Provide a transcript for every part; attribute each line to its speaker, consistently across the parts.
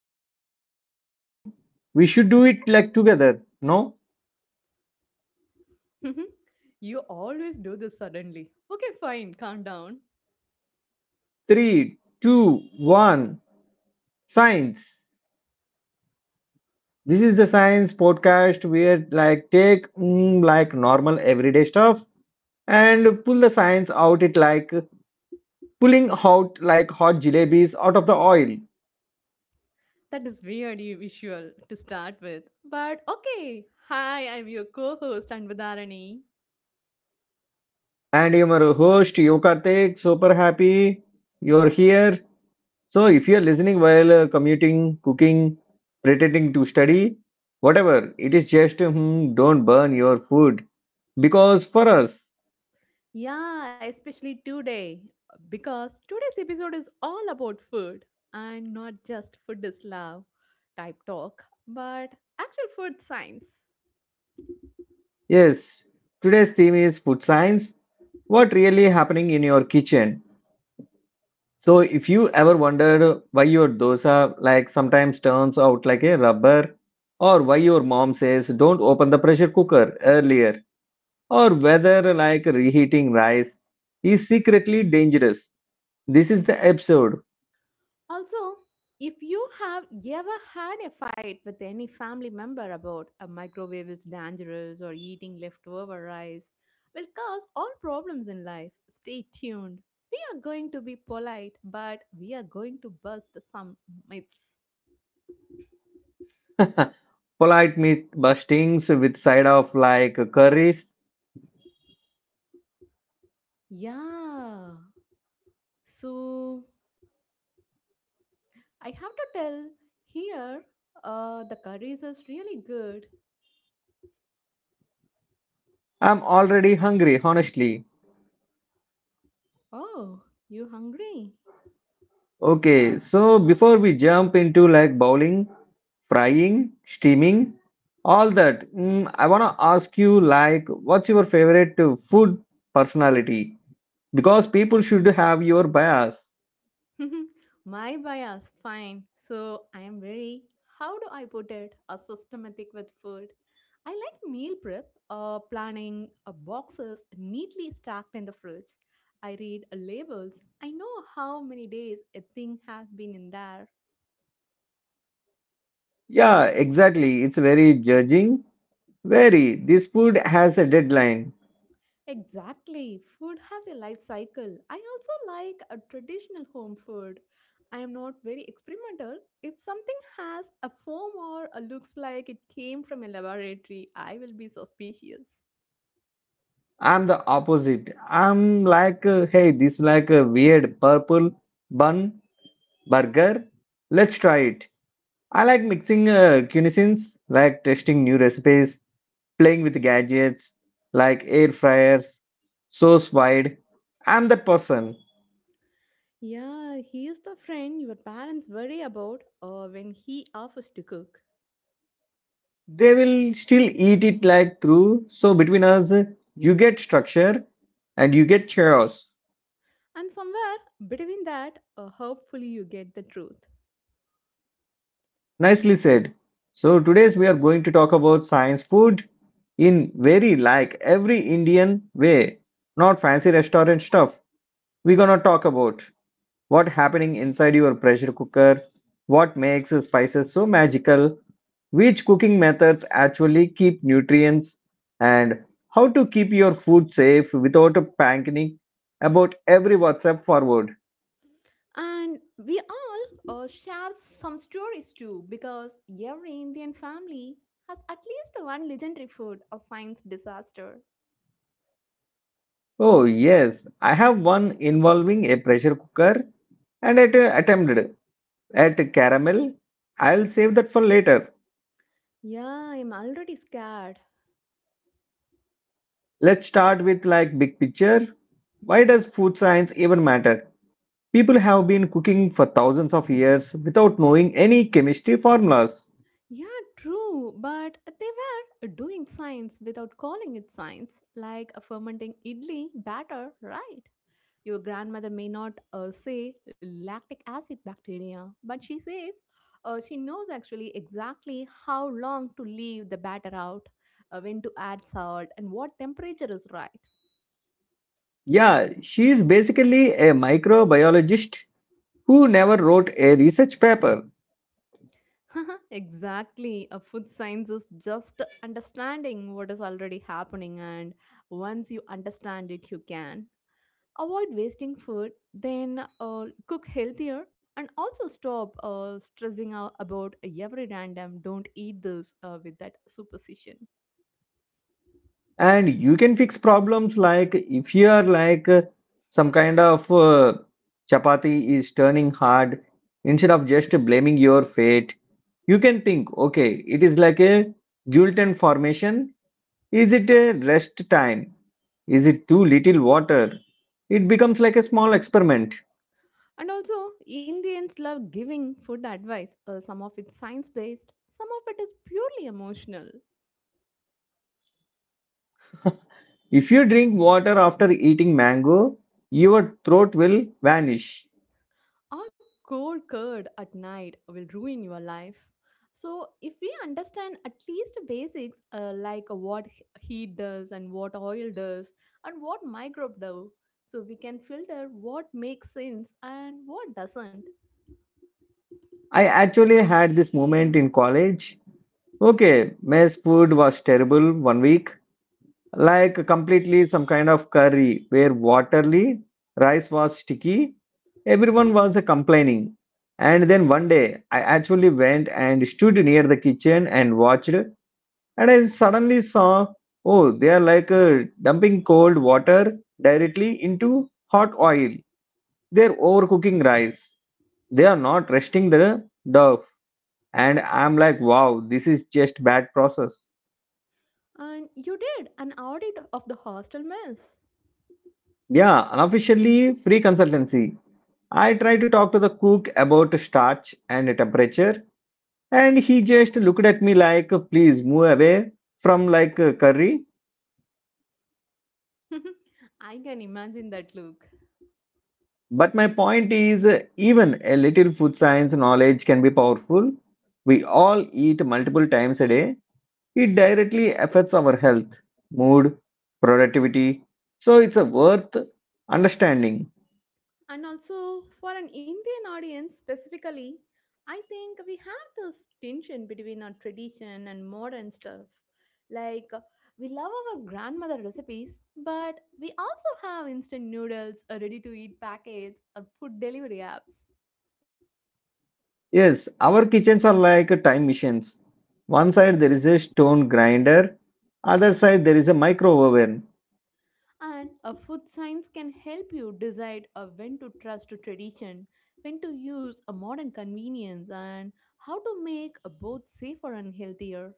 Speaker 1: episode of Actually, we should do it like together. No?
Speaker 2: Mhm. You always do this suddenly. Okay, fine, calm down.
Speaker 1: Three, two, one. Science. This is the science podcast where like take like normal everyday stuff and pull the science out it like pulling out like hot jalebis out of the oil.
Speaker 2: That is weirdly visual to start with. But okay, hi, I'm your co host, Anvadarani.
Speaker 1: And I'm your host, Yokartik. Super happy you're here. So, if you're listening while commuting, cooking, pretending to study, whatever, it is just don't burn your food. Because for us,
Speaker 2: Yeah, especially today, because today's episode is all about food and not just food is love type talk, but actual food science.
Speaker 1: yes, today's theme is food science what really happening in your kitchen. So, if you ever wondered why your dosa like sometimes turns out like a rubber, or why your mom says don't open the pressure cooker earlier or whether like reheating rice is secretly dangerous. This is the episode.
Speaker 2: Also, if you have ever had a fight with any family member about a microwave is dangerous or eating leftover rice will cause all problems in life, stay tuned. We are going to be polite, but we are going to bust some myths.
Speaker 1: Polite meat bustings with side of like curries.
Speaker 2: Yeah. So, I have to tell here the curries is really good.
Speaker 1: I'm already hungry, honestly.
Speaker 2: Oh, you hungry?
Speaker 1: Okay, so before we jump into like bowling, frying, steaming, all that, I wanna ask you like, what's your favorite food personality? Because people should have your bias.
Speaker 2: My bias, fine. So I am very, how do I put it, a systematic with food. I like meal prep, planning boxes neatly stacked in the fridge. I read labels. I know how many days a thing has been in there.
Speaker 1: Yeah, exactly. It's very judging very. This food has a deadline.
Speaker 2: Exactly. Food has a life cycle. I also like a traditional home food. I am not very experimental. If something has a form or a looks like it came from a laboratory, I will be suspicious.
Speaker 1: I'm the opposite. I'm like, hey, this like a weird purple bun burger. Let's try it. I like mixing cuisines, like testing new recipes, playing with gadgets, like air fryers, sauce wide. I'm that person.
Speaker 2: Yeah, he is the friend your parents worry about when he offers to cook.
Speaker 1: They will still eat it like through. So between us, you get structure and you get chaos.
Speaker 2: And somewhere between that, hopefully, you get the truth.
Speaker 1: Nicely said. So, today's we are going to talk about science food in very like every Indian way, not fancy restaurant stuff. We're gonna talk about what happening inside your pressure cooker, what makes spices so magical, which cooking methods actually keep nutrients, and how to keep your food safe without panicking about every WhatsApp forward.
Speaker 2: And we all share some stories too because every Indian family has at least one legendary food or science disaster.
Speaker 1: Oh yes, I have one involving a pressure cooker and it attempted at caramel, I'll save that for later.
Speaker 2: Yeah, I'm already scared.
Speaker 1: Let's start with like big picture. Why does food science even matter? People have been cooking for thousands of years without knowing any chemistry formulas.
Speaker 2: Yeah, true, but they were doing science without calling it science, like a fermenting idli batter, right? Your grandmother may not say lactic acid bacteria, but she says she knows actually exactly how long to leave the batter out, when to add salt, and what temperature is right.
Speaker 1: Yeah, she is basically a microbiologist who never wrote a research paper.
Speaker 2: exactly, a food science is just understanding what is already happening, and once you understand it, you can. Avoid wasting food then cook healthier and also stop stressing out about every random don't eat this with that superstition.
Speaker 1: And you can fix problems like if you are like some kind of chapati is turning hard instead of just blaming your fate, you can think okay, it is like a gluten formation, is it a rest time, is it too little water, it becomes like a small experiment.
Speaker 2: And also indians love giving food advice, some of it's science based, some of it is purely emotional.
Speaker 1: If you drink water after eating mango, your throat will vanish.
Speaker 2: Or cold curd at night will ruin your life. So, if we understand at least basics, like what heat does and what oil does and what microbe do, so we can filter what makes sense and what doesn't.
Speaker 1: I actually had this moment in college. Okay, mess food was terrible one week. Like completely some kind of curry where waterly rice was sticky. Everyone was complaining. And then one day I actually went and stood near the kitchen and watched, and I suddenly saw, oh they are like dumping cold water directly into hot oil. They're overcooking rice. They are not resting the dough. And I'm like, wow, this is just bad process.
Speaker 2: And you did an audit of the hostel mess.
Speaker 1: Yeah, unofficially free consultancy. I tried to talk to the cook about starch and temperature, and he just looked at me like, please move away from like curry.
Speaker 2: I can imagine that look.
Speaker 1: But my point is, even a little food science knowledge can be powerful. We all eat multiple times a day. It directly affects our health, mood, productivity. So it's a worth understanding.
Speaker 2: And also, for an Indian audience specifically, I think we have this tension between our tradition and modern stuff. Like, we love our grandmother recipes, but we also have instant noodles, or ready to eat packets, or food delivery apps.
Speaker 1: Yes, our kitchens are like time machines. One side there is a stone grinder, other side there is a micro oven.
Speaker 2: And a food science can help you decide when to trust a tradition, when to use a modern convenience, and how to make both safer and healthier.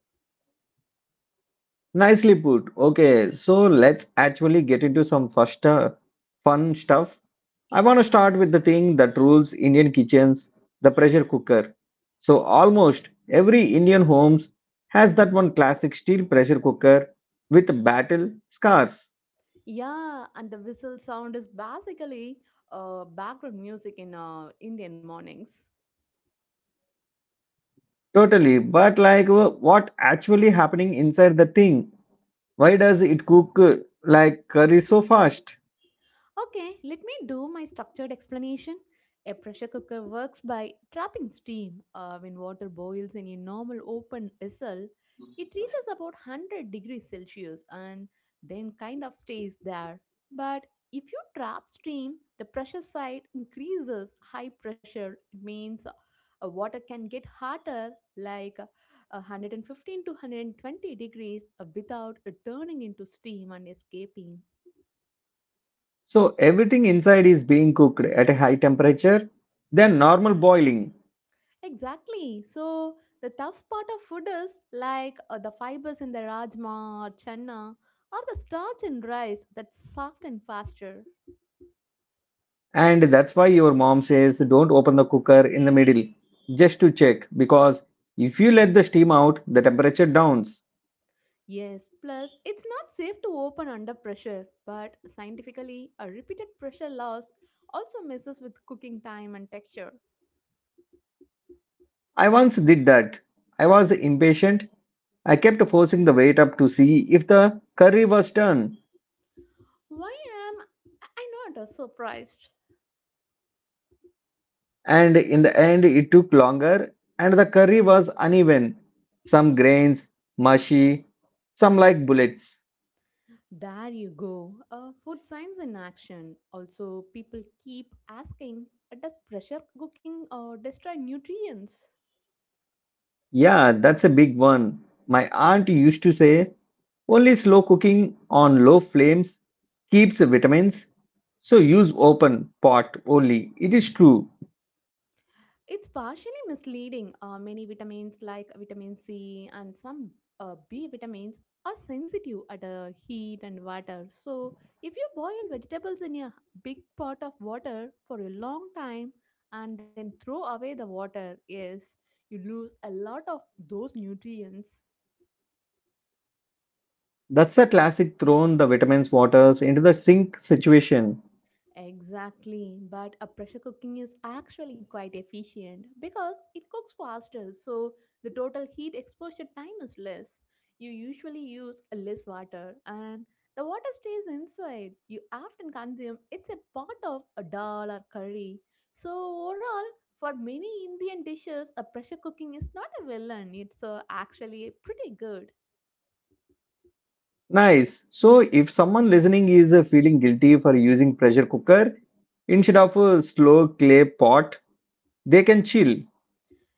Speaker 1: Nicely put. Okay, so let's actually get into some first fun stuff. I want to start with the thing that rules Indian kitchens, the pressure cooker. So almost every Indian homes has that one classic steel pressure cooker with battle scars.
Speaker 2: Yeah, and the whistle sound is basically background music in Indian mornings.
Speaker 1: Totally, but like what actually happening inside the thing? Why does it cook like curry so fast?
Speaker 2: Okay, let me do my structured explanation. A pressure cooker works by trapping steam. When water boils in a normal open vessel, it reaches about 100 degrees Celsius and then kind of stays there. But if you trap steam, the pressure side increases. High pressure means water can get hotter, like 115 to 120 degrees, without turning into steam and escaping.
Speaker 1: So everything inside is being cooked at a high temperature than normal boiling.
Speaker 2: Exactly. So the tough part of food is like the fibers in the rajma or chana or the starch in rice that's soft and faster.
Speaker 1: And that's why your mom says don't open the cooker in the middle just to check, because if you let the steam out, the temperature downs.
Speaker 2: Yes, plus it's not safe to open under pressure, but scientifically, a repeated pressure loss also messes with cooking time and texture.
Speaker 1: I once did that. I was impatient. I kept forcing the weight up to see if the curry was done,
Speaker 2: Why am I not surprised?
Speaker 1: and in the end it took longer and the curry was uneven, some grains mushy, some like bullets.
Speaker 2: There you go. Food science in action. Also, people keep asking, does pressure cooking destroy nutrients?
Speaker 1: Yeah, that's a big one. My aunt used to say only slow cooking on low flames keeps vitamins, so use open pot only, it is true.
Speaker 2: It's partially misleading. Many vitamins, like vitamin C and some B vitamins, are sensitive at heat and water. So, if you boil vegetables in a big pot of water for a long time and then throw away the water, yes, you lose a lot of those nutrients.
Speaker 1: That's the classic thrown the vitamins waters into the sink situation.
Speaker 2: Exactly, but a pressure cooking is actually quite efficient because it cooks faster, so the total heat exposure time is less. You usually use less water, and the water stays inside. You often consume it's a part of a dal or curry. So overall, for many Indian dishes, a pressure cooking is not a villain. It's actually pretty good.
Speaker 1: Nice. So if someone listening is feeling guilty for using pressure cooker instead of a slow clay pot, they can chill.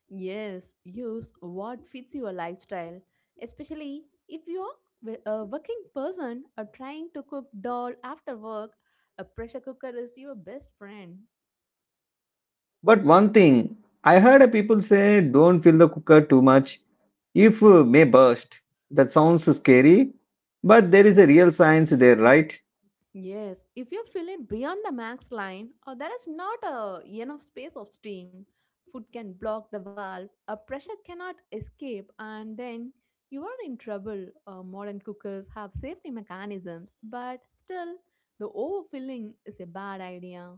Speaker 2: Yes, use what fits your lifestyle, especially if you're a working person or trying to cook dal after work. A pressure cooker is your best friend.
Speaker 1: But one thing, I heard people say don't fill the cooker too much if may burst. That sounds scary, but there is a real science there, right?
Speaker 2: Yes, if you fill it beyond the max line or there is not a enough space of steam, food can block the valve, a pressure cannot escape, and then you are in trouble. Modern cookers have safety mechanisms, but still, the overfilling is a bad idea.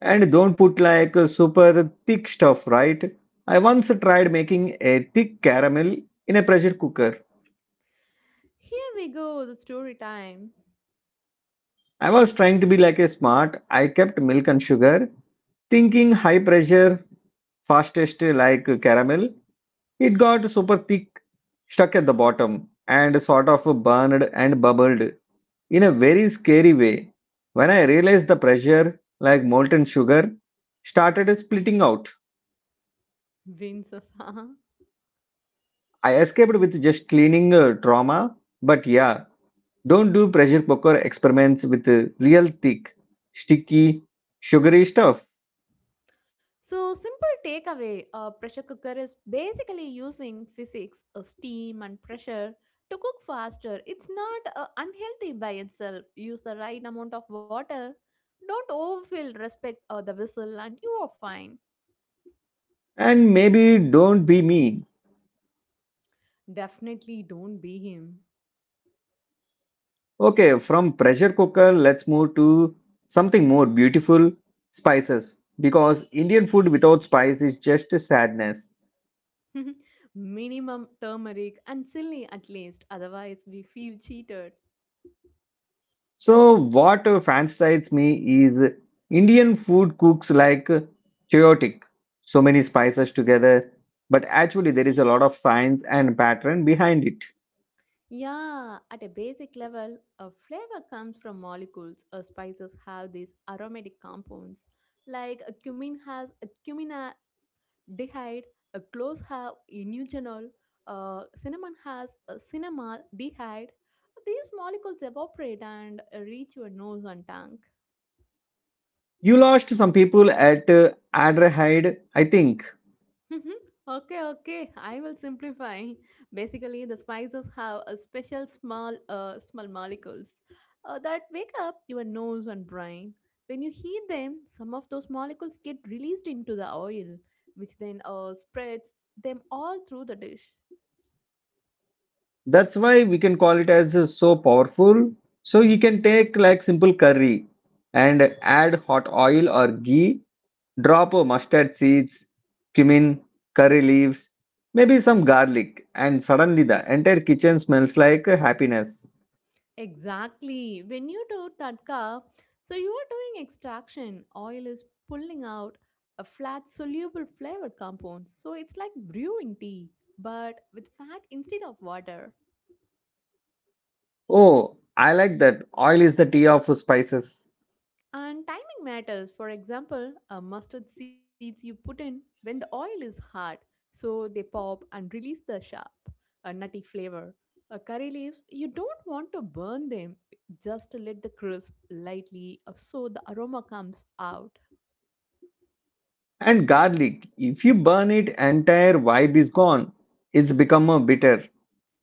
Speaker 1: And don't put like super thick stuff, right? I once tried making a thick caramel in a pressure cooker.
Speaker 2: Here we go, the story time.
Speaker 1: I was trying to be like a smart. I kept milk and sugar, thinking high pressure, fastest like caramel. It got super thick, stuck at the bottom, and sort of burned and bubbled in a very scary way. When I realized the pressure, like molten sugar, started splitting out.
Speaker 2: Wins us, huh?
Speaker 1: I escaped with just cleaning trauma, but yeah, don't do pressure cooker experiments with real thick, sticky, sugary stuff.
Speaker 2: So, simple takeaway a pressure cooker is basically using physics, steam, and pressure to cook faster. It's not unhealthy by itself. Use the right amount of water. Don't overfill, respect the whistle, and you are fine.
Speaker 1: And maybe don't be mean.
Speaker 2: Definitely don't be him.
Speaker 1: Okay, from pressure cooker, let's move to something more beautiful, spices. Because Indian food without spice is just a sadness.
Speaker 2: Minimum turmeric and chili at least, otherwise, we feel cheated.
Speaker 1: So, what fancies me is Indian food cooks like chaotic, so many spices together. But actually, there is a lot of science and pattern behind it.
Speaker 2: Yeah, at a basic level, a flavor comes from molecules. Spices have these aromatic compounds, like a cumin has a cuminaldehyde, a cloves have inugenol, cinnamon has a cinnamaldehyde. These molecules evaporate and reach your nose and tongue.
Speaker 1: You lost some people at Adrahide, I think.
Speaker 2: Mhm. Okay, okay. I will simplify. Basically, the spices have a special small, small molecules that wake up your nose and brain. When you heat them, some of those molecules get released into the oil, which then spreads them all through the dish.
Speaker 1: That's why we can call it as so powerful. So you can take like simple curry and add hot oil or ghee, drop mustard seeds, cumin, curry leaves, maybe some garlic, and suddenly the entire kitchen smells like happiness.
Speaker 2: Exactly. When you do tadka, so you are doing extraction. Oil is pulling out a flat soluble flavored compound. So it's like brewing tea, but with fat instead of water.
Speaker 1: Oh, I like that. Oil is the tea of spices.
Speaker 2: And timing matters. For example, a mustard seeds you put in when the oil is hot, so they pop and release the sharp, a nutty flavor. A curry leaves, you don't want to burn them. Just let the crisp lightly, so the aroma comes out.
Speaker 1: And garlic, if you burn it, entire vibe is gone. It's become a bitter.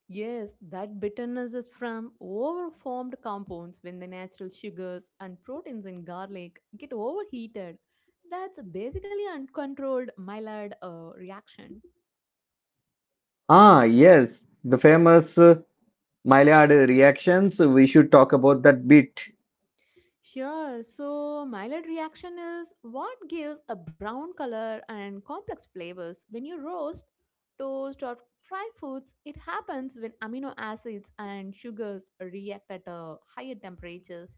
Speaker 2: Yes, that bitterness is from overformed compounds when the natural sugars and proteins in garlic get overheated. That's basically uncontrolled Maillard reaction.
Speaker 1: Ah, yes, the famous Maillard reactions, we should talk about that bit.
Speaker 2: Sure. So, Maillard reaction is what gives a brown color and complex flavors. When you roast, toast, or fry foods, it happens when amino acids and sugars react at higher temperatures.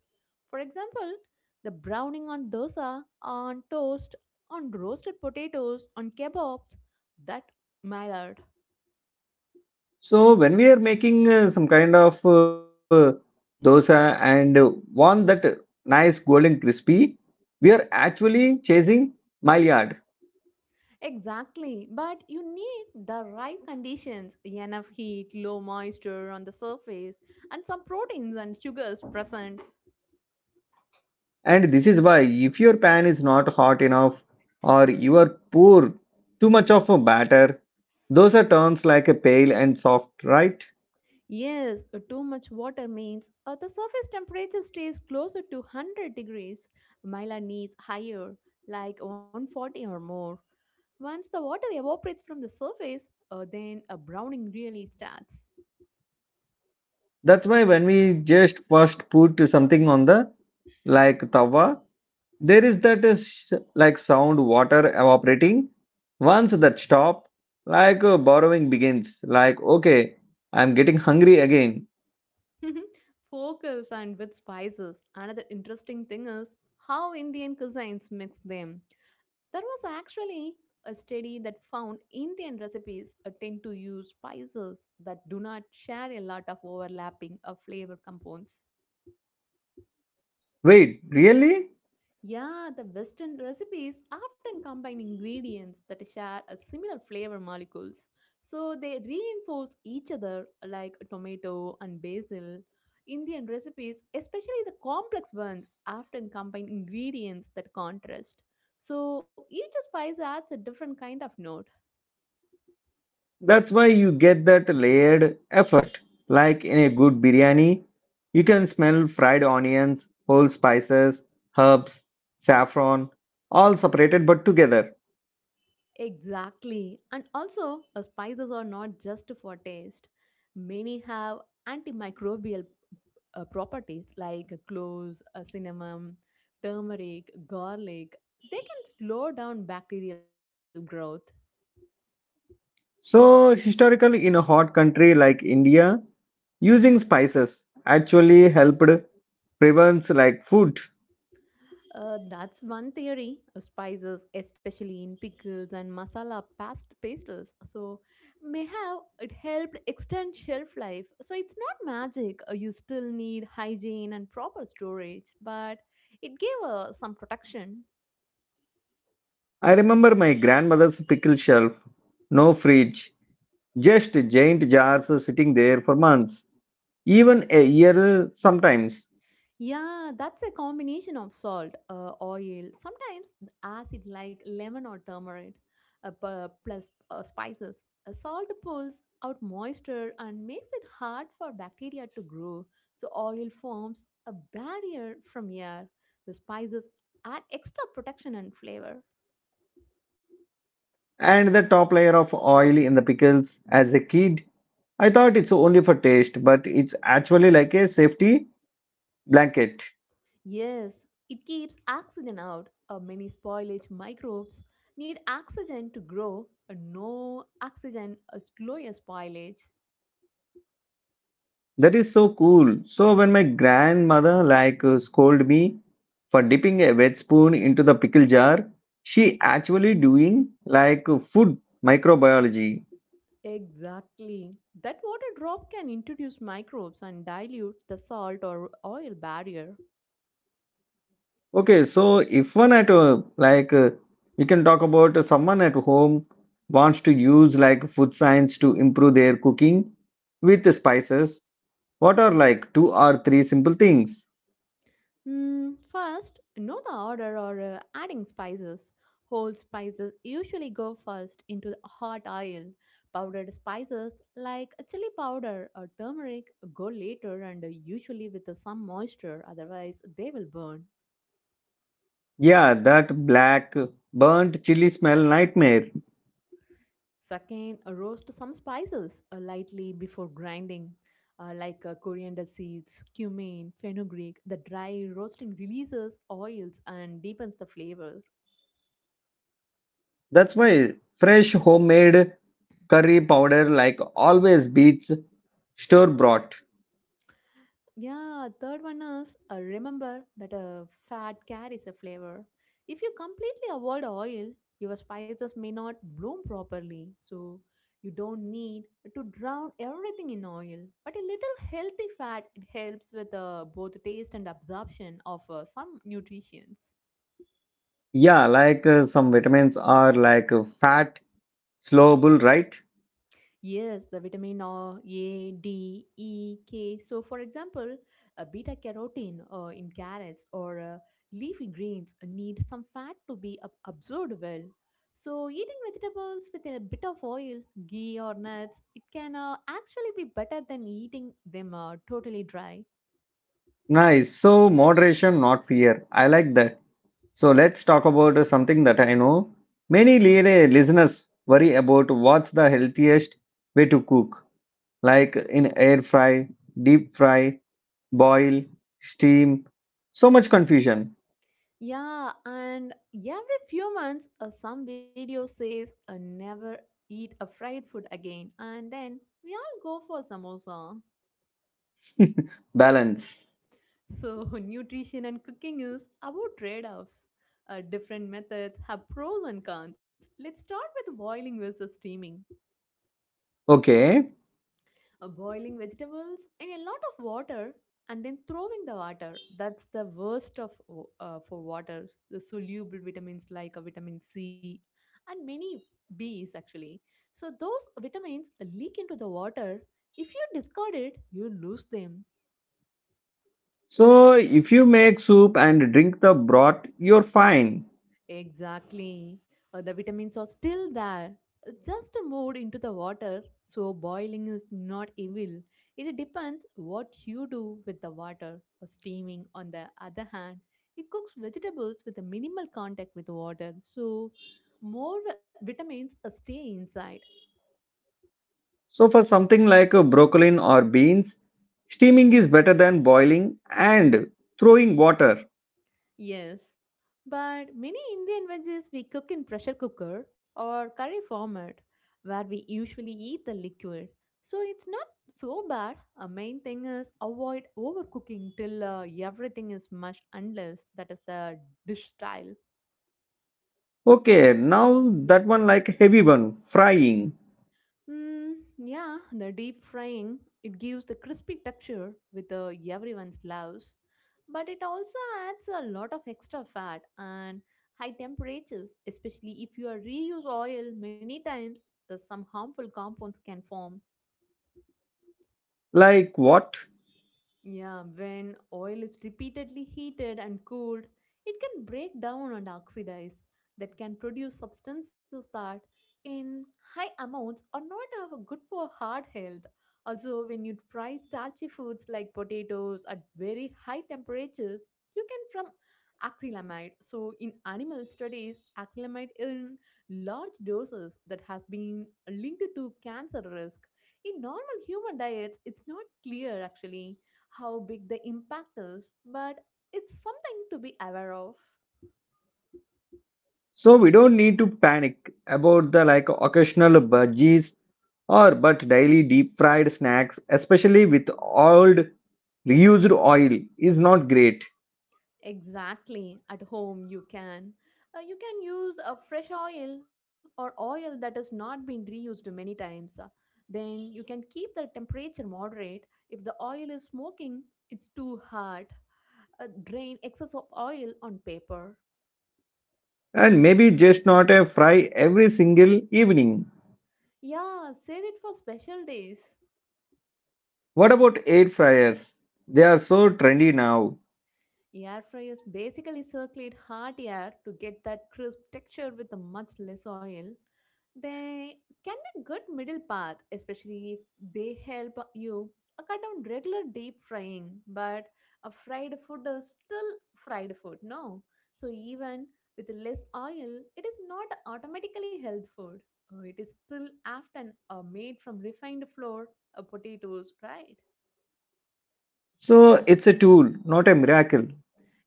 Speaker 2: For example, the browning on dosa, on toast, on roasted potatoes, on kebabs, that Maillard.
Speaker 1: So when we are making some kind of dosa and want that nice golden crispy, we are actually chasing Maillard.
Speaker 2: Exactly, but you need the right conditions enough heat, low moisture on the surface, and some proteins and sugars present.
Speaker 1: And this is why if your pan is not hot enough or you are pour too much of a batter, dosa turns like a pale and soft, right?
Speaker 2: Yes, too much water means the surface temperature stays closer to 100 degrees. Myla needs higher, like 140 or more. Once the water evaporates from the surface, then a browning really starts.
Speaker 1: That's why when we just first put something on the like tawa, there is that like sound water evaporating. Once that stop, like borrowing begins. Like okay, I'm getting hungry again.
Speaker 2: Focus and with spices. Another interesting thing is how Indian cuisines mix them. There was actually a study that found Indian recipes tend to use spices that do not share a lot of overlapping of flavor compounds.
Speaker 1: Wait, really?
Speaker 2: Yeah, the Western recipes often combine ingredients that share a similar flavor molecules. So they reinforce each other like tomato and basil. Indian recipes, especially the complex ones, often combine ingredients that contrast. So each spice adds a different kind of note.
Speaker 1: That's why you get that layered effort. Like in a good biryani, you can smell fried onions, whole spices, herbs, saffron, all separated but together.
Speaker 2: Exactly. And also, spices are not just for taste. Many have antimicrobial properties like cloves, cinnamon, turmeric, garlic. They can slow down bacterial growth.
Speaker 1: So, historically, in a hot country like India, using spices actually helped prevents like food.
Speaker 2: That's one theory. Spices, especially in pickles and masala past pastes, so may have it helped extend shelf life. So it's not magic. You still need hygiene and proper storage, but it gave some protection.
Speaker 1: I remember my grandmother's pickle shelf, no fridge, just giant jars sitting there for months, even a year sometimes.
Speaker 2: Yeah, that's a combination of salt, oil, sometimes acid like lemon or turmeric, plus spices. Salt pulls out moisture and makes it hard for bacteria to grow, so oil forms a barrier from air. The spices add extra protection and flavor.
Speaker 1: And the top layer of oil in the pickles as a kid, I thought it's only for taste, but it's actually like a safety blanket.
Speaker 2: Yes, it keeps oxygen out. Many spoilage microbes need oxygen to grow. No oxygen is lower spoilage.
Speaker 1: That is so cool. So when my grandmother like scolded me for dipping a wet spoon into the pickle jar, she actually doing like food microbiology.
Speaker 2: Exactly. That water drop can introduce microbes and dilute the salt or oil barrier.
Speaker 1: Okay, so if one at like we can talk about someone at home wants to use like food science to improve their cooking with the spices, what are like two or three simple things?
Speaker 2: Mm, first, know the order or adding spices. Whole spices usually go first into the hot oil. Powdered spices like a chili powder or turmeric go later and usually with some moisture, otherwise, they will burn.
Speaker 1: Yeah, that black burnt chili smell nightmare.
Speaker 2: Second, roast some spices lightly before grinding, like coriander seeds, cumin, fenugreek. The dry roasting releases oils and deepens the flavor.
Speaker 1: That's why fresh homemade curry powder like always beats store bought.
Speaker 2: Yeah, third one is remember that a fat carries a flavor. If you completely avoid oil, your spices may not bloom properly. So you don't need to drown everything in oil. But a little healthy fat it helps with both taste and absorption of some nutrients.
Speaker 1: Yeah, like some vitamins are like fat, slowable, right?
Speaker 2: Yes, the vitamin A, D, E, K. So, for example, beta carotene in carrots or leafy greens need some fat to be absorbed well. So, eating vegetables with a bit of oil, ghee, or nuts, it can actually be better than eating them totally dry.
Speaker 1: Nice. So moderation, not fear. I like that. So let's talk about something that I know many listeners worry about. What's the healthiest way to cook? Like in air fry, deep fry, boil, steam. So much confusion.
Speaker 2: Yeah, and every few months, some video says never eat a fried food again, and then we all go for samosa.
Speaker 1: Balance.
Speaker 2: So, nutrition and cooking is about trade offs. Different methods have pros and cons. Let's start with boiling versus steaming.
Speaker 1: Okay.
Speaker 2: Boiling vegetables in a lot of water and then throwing the water. That's the worst of for water. The soluble vitamins like vitamin C and many B's actually. So, those vitamins leak into the water. If you discard it, you lose them.
Speaker 1: So, if you make soup and drink the broth, you're fine.
Speaker 2: Exactly. The vitamins are still there, just moved into the water. So, boiling is not evil. It depends what you do with the water. Steaming, on the other hand, it cooks vegetables with a minimal contact with water. So, more vitamins stay inside.
Speaker 1: So, for something like a broccoli or beans, steaming is better than boiling and throwing water.
Speaker 2: Yes, but many Indian veggies we cook in pressure cooker or curry format where we usually eat the liquid. So it's not so bad. A main thing is avoid overcooking till everything is mush unless that is the dish style.
Speaker 1: Okay, now that one like heavy one, frying.
Speaker 2: Mm, yeah, the deep frying, it gives the crispy texture with everyone's loves, but it also adds a lot of extra fat and high temperatures, especially if you are reuse oil many times, some harmful compounds can form.
Speaker 1: Like what?
Speaker 2: Yeah, when oil is repeatedly heated and cooled, it can break down and oxidize, that can produce substances that, in high amounts, are not good for heart health. Also, when you fry starchy foods like potatoes at very high temperatures, you can from acrylamide. So, in animal studies, acrylamide in large doses that has been linked to cancer risk. In normal human diets, it's not clear actually how big the impact is, but it's something to be aware of.
Speaker 1: So, we don't need to panic about the like occasional budgies, or but daily deep fried snacks, especially with old reused oil, is not great.
Speaker 2: Exactly. At home, you can. You can use a fresh oil or oil that has not been reused many times. Then you can keep the temperature moderate. If the oil is smoking, it's too hot. Drain excess of oil on paper.
Speaker 1: And maybe just not a fry every single evening.
Speaker 2: Yeah, save it for special days.
Speaker 1: What about air fryers? They are so trendy now.
Speaker 2: Air fryers basically circulate hot air to get that crisp texture with a much less oil. They can be good middle path, especially if they help you cut down regular deep frying. But a fried food is still fried food, no? So even with less oil, it is not automatically health food. It is still often made from refined flour, potatoes, right?
Speaker 1: So it's a tool, not a miracle.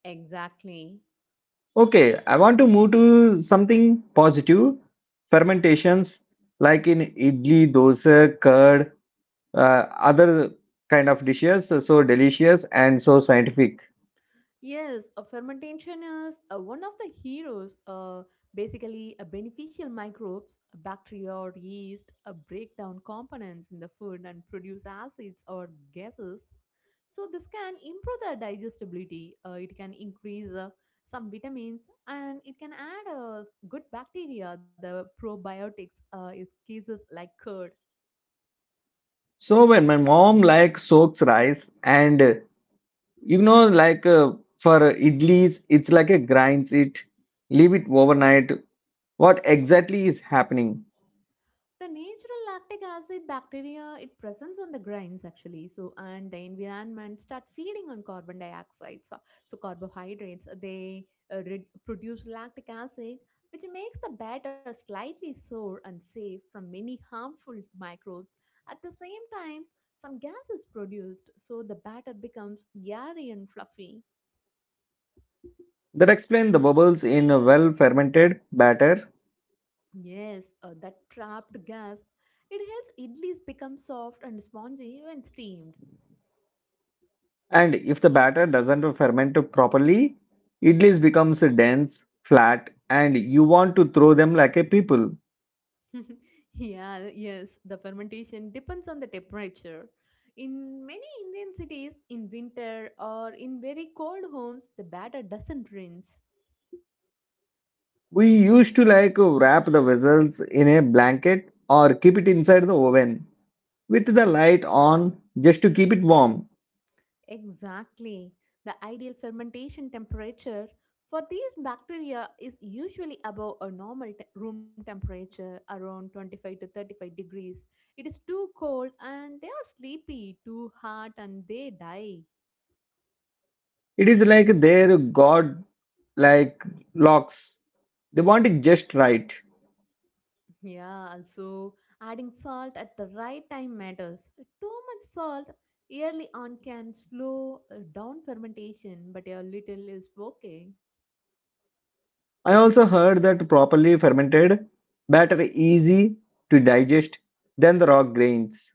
Speaker 2: Exactly.
Speaker 1: Okay, I want to move to something positive. Fermentations like in idli, dosa, curd, other kind of dishes, so delicious and so scientific.
Speaker 2: Yes, a fermentation is one of the heroes. Basically, a beneficial microbes, a bacteria or yeast, break down components in the food and produce acids or gases. So this can improve the digestibility. It can increase some vitamins and it can add good bacteria. The probiotics is cases like curd.
Speaker 1: So when my mom like soaks rice and like for idlis it's like a grinds it, leave it overnight, what exactly is happening?
Speaker 2: The natural lactic acid bacteria it presents on the grains actually, so and the environment start feeding on carbon dioxide. So, carbohydrates they produce lactic acid, which makes the batter slightly sour and safe from many harmful microbes. At the same time, some gas is produced, so the batter becomes airy and fluffy.
Speaker 1: That explains the bubbles in a well fermented batter.
Speaker 2: Yes, that trapped gas it helps idlis become soft and spongy when steamed.
Speaker 1: And if the batter doesn't ferment properly, idlis becomes dense, flat, and you want to throw them like a people.
Speaker 2: yeah, yes, the fermentation depends on the temperature. In many Indian cities, in winter or in very cold homes, the batter doesn't rinse.
Speaker 1: We used to like wrap the vessels in a blanket or keep it inside the oven with the light on, just to keep it warm.
Speaker 2: Exactly. The ideal fermentation temperature for these bacteria is usually above a normal room temperature, around 25 to 35 degrees. It is too cold and they are sleepy, too hot, and they die.
Speaker 1: It is like their god like locks. They want it just right.
Speaker 2: Yeah, also adding salt at the right time matters. Too much salt early on can slow down fermentation, but a little is okay.
Speaker 1: I also heard that properly fermented batter easy to digest than the raw grains.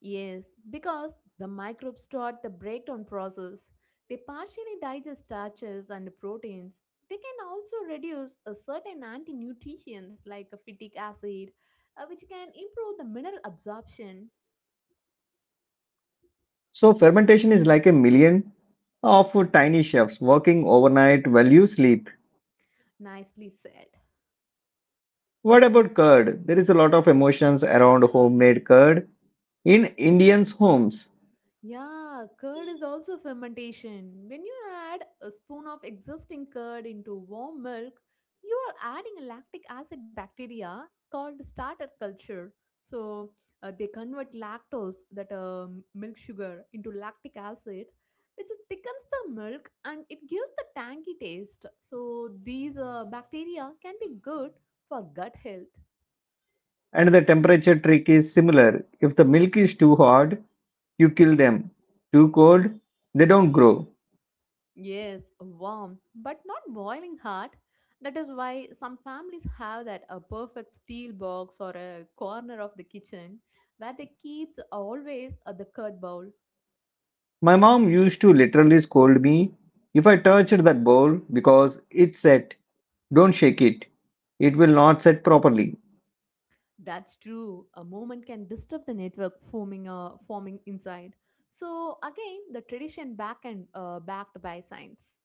Speaker 2: Yes, because the microbes start the breakdown process. They partially digest starches and proteins. They can also reduce a certain anti-nutrients like a phytic acid, which can improve the mineral absorption.
Speaker 1: So fermentation is like a million of tiny chefs working overnight while you sleep.
Speaker 2: Nicely said.
Speaker 1: What about curd? There is a lot of emotions around homemade curd in Indians' homes,
Speaker 2: Yeah, curd is also fermentation. When you add a spoon of existing curd into warm milk, you are adding a lactic acid bacteria called starter culture. So they convert lactose, that milk sugar, into lactic acid, which is thickens the milk and it gives the tangy taste. So these bacteria can be good for gut health.
Speaker 1: and the temperature trick is similar. If the milk is too hot, you kill them. Too cold? They don't grow.
Speaker 2: Yes, warm but not boiling hot. That is why some families have that a perfect steel box or a corner of the kitchen where they keeps always the curd bowl.
Speaker 1: My mom used to literally scold me if I touched that bowl because it set. Don't shake it. It will not set properly.
Speaker 2: That's true. A moment can disturb the network forming forming inside. So again, the tradition back and backed by science.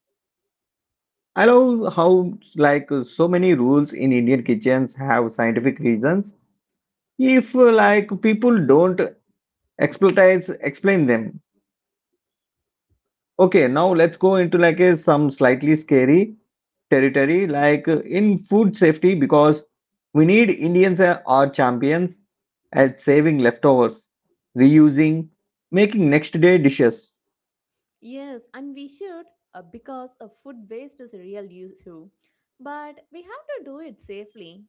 Speaker 1: I love how like so many rules in Indian kitchens have scientific reasons. If like people don't expertise explain them. Okay, now let's go into like a some slightly scary territory, like in food safety, because we need Indians are champions at saving leftovers, reusing, making next day dishes.
Speaker 2: Yes, and we should because food waste is a real issue. But we have to do it safely.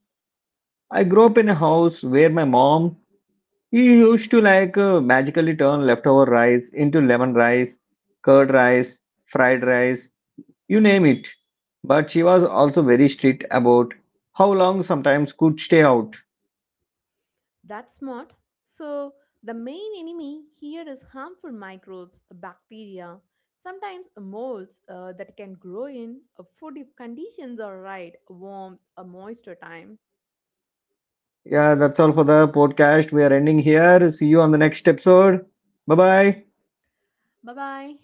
Speaker 1: I grew up in a house where my mom he used to like magically turn leftover rice into lemon rice, curd rice, fried rice, you name it. But she was also very strict about how long sometimes could stay out.
Speaker 2: That's smart. So, the main enemy here is harmful microbes, bacteria, sometimes molds that can grow in food if conditions are right, warmth, a moisture time.
Speaker 1: Yeah, that's all for the podcast. We are ending here. See you on the next episode. Bye bye.
Speaker 2: Bye bye.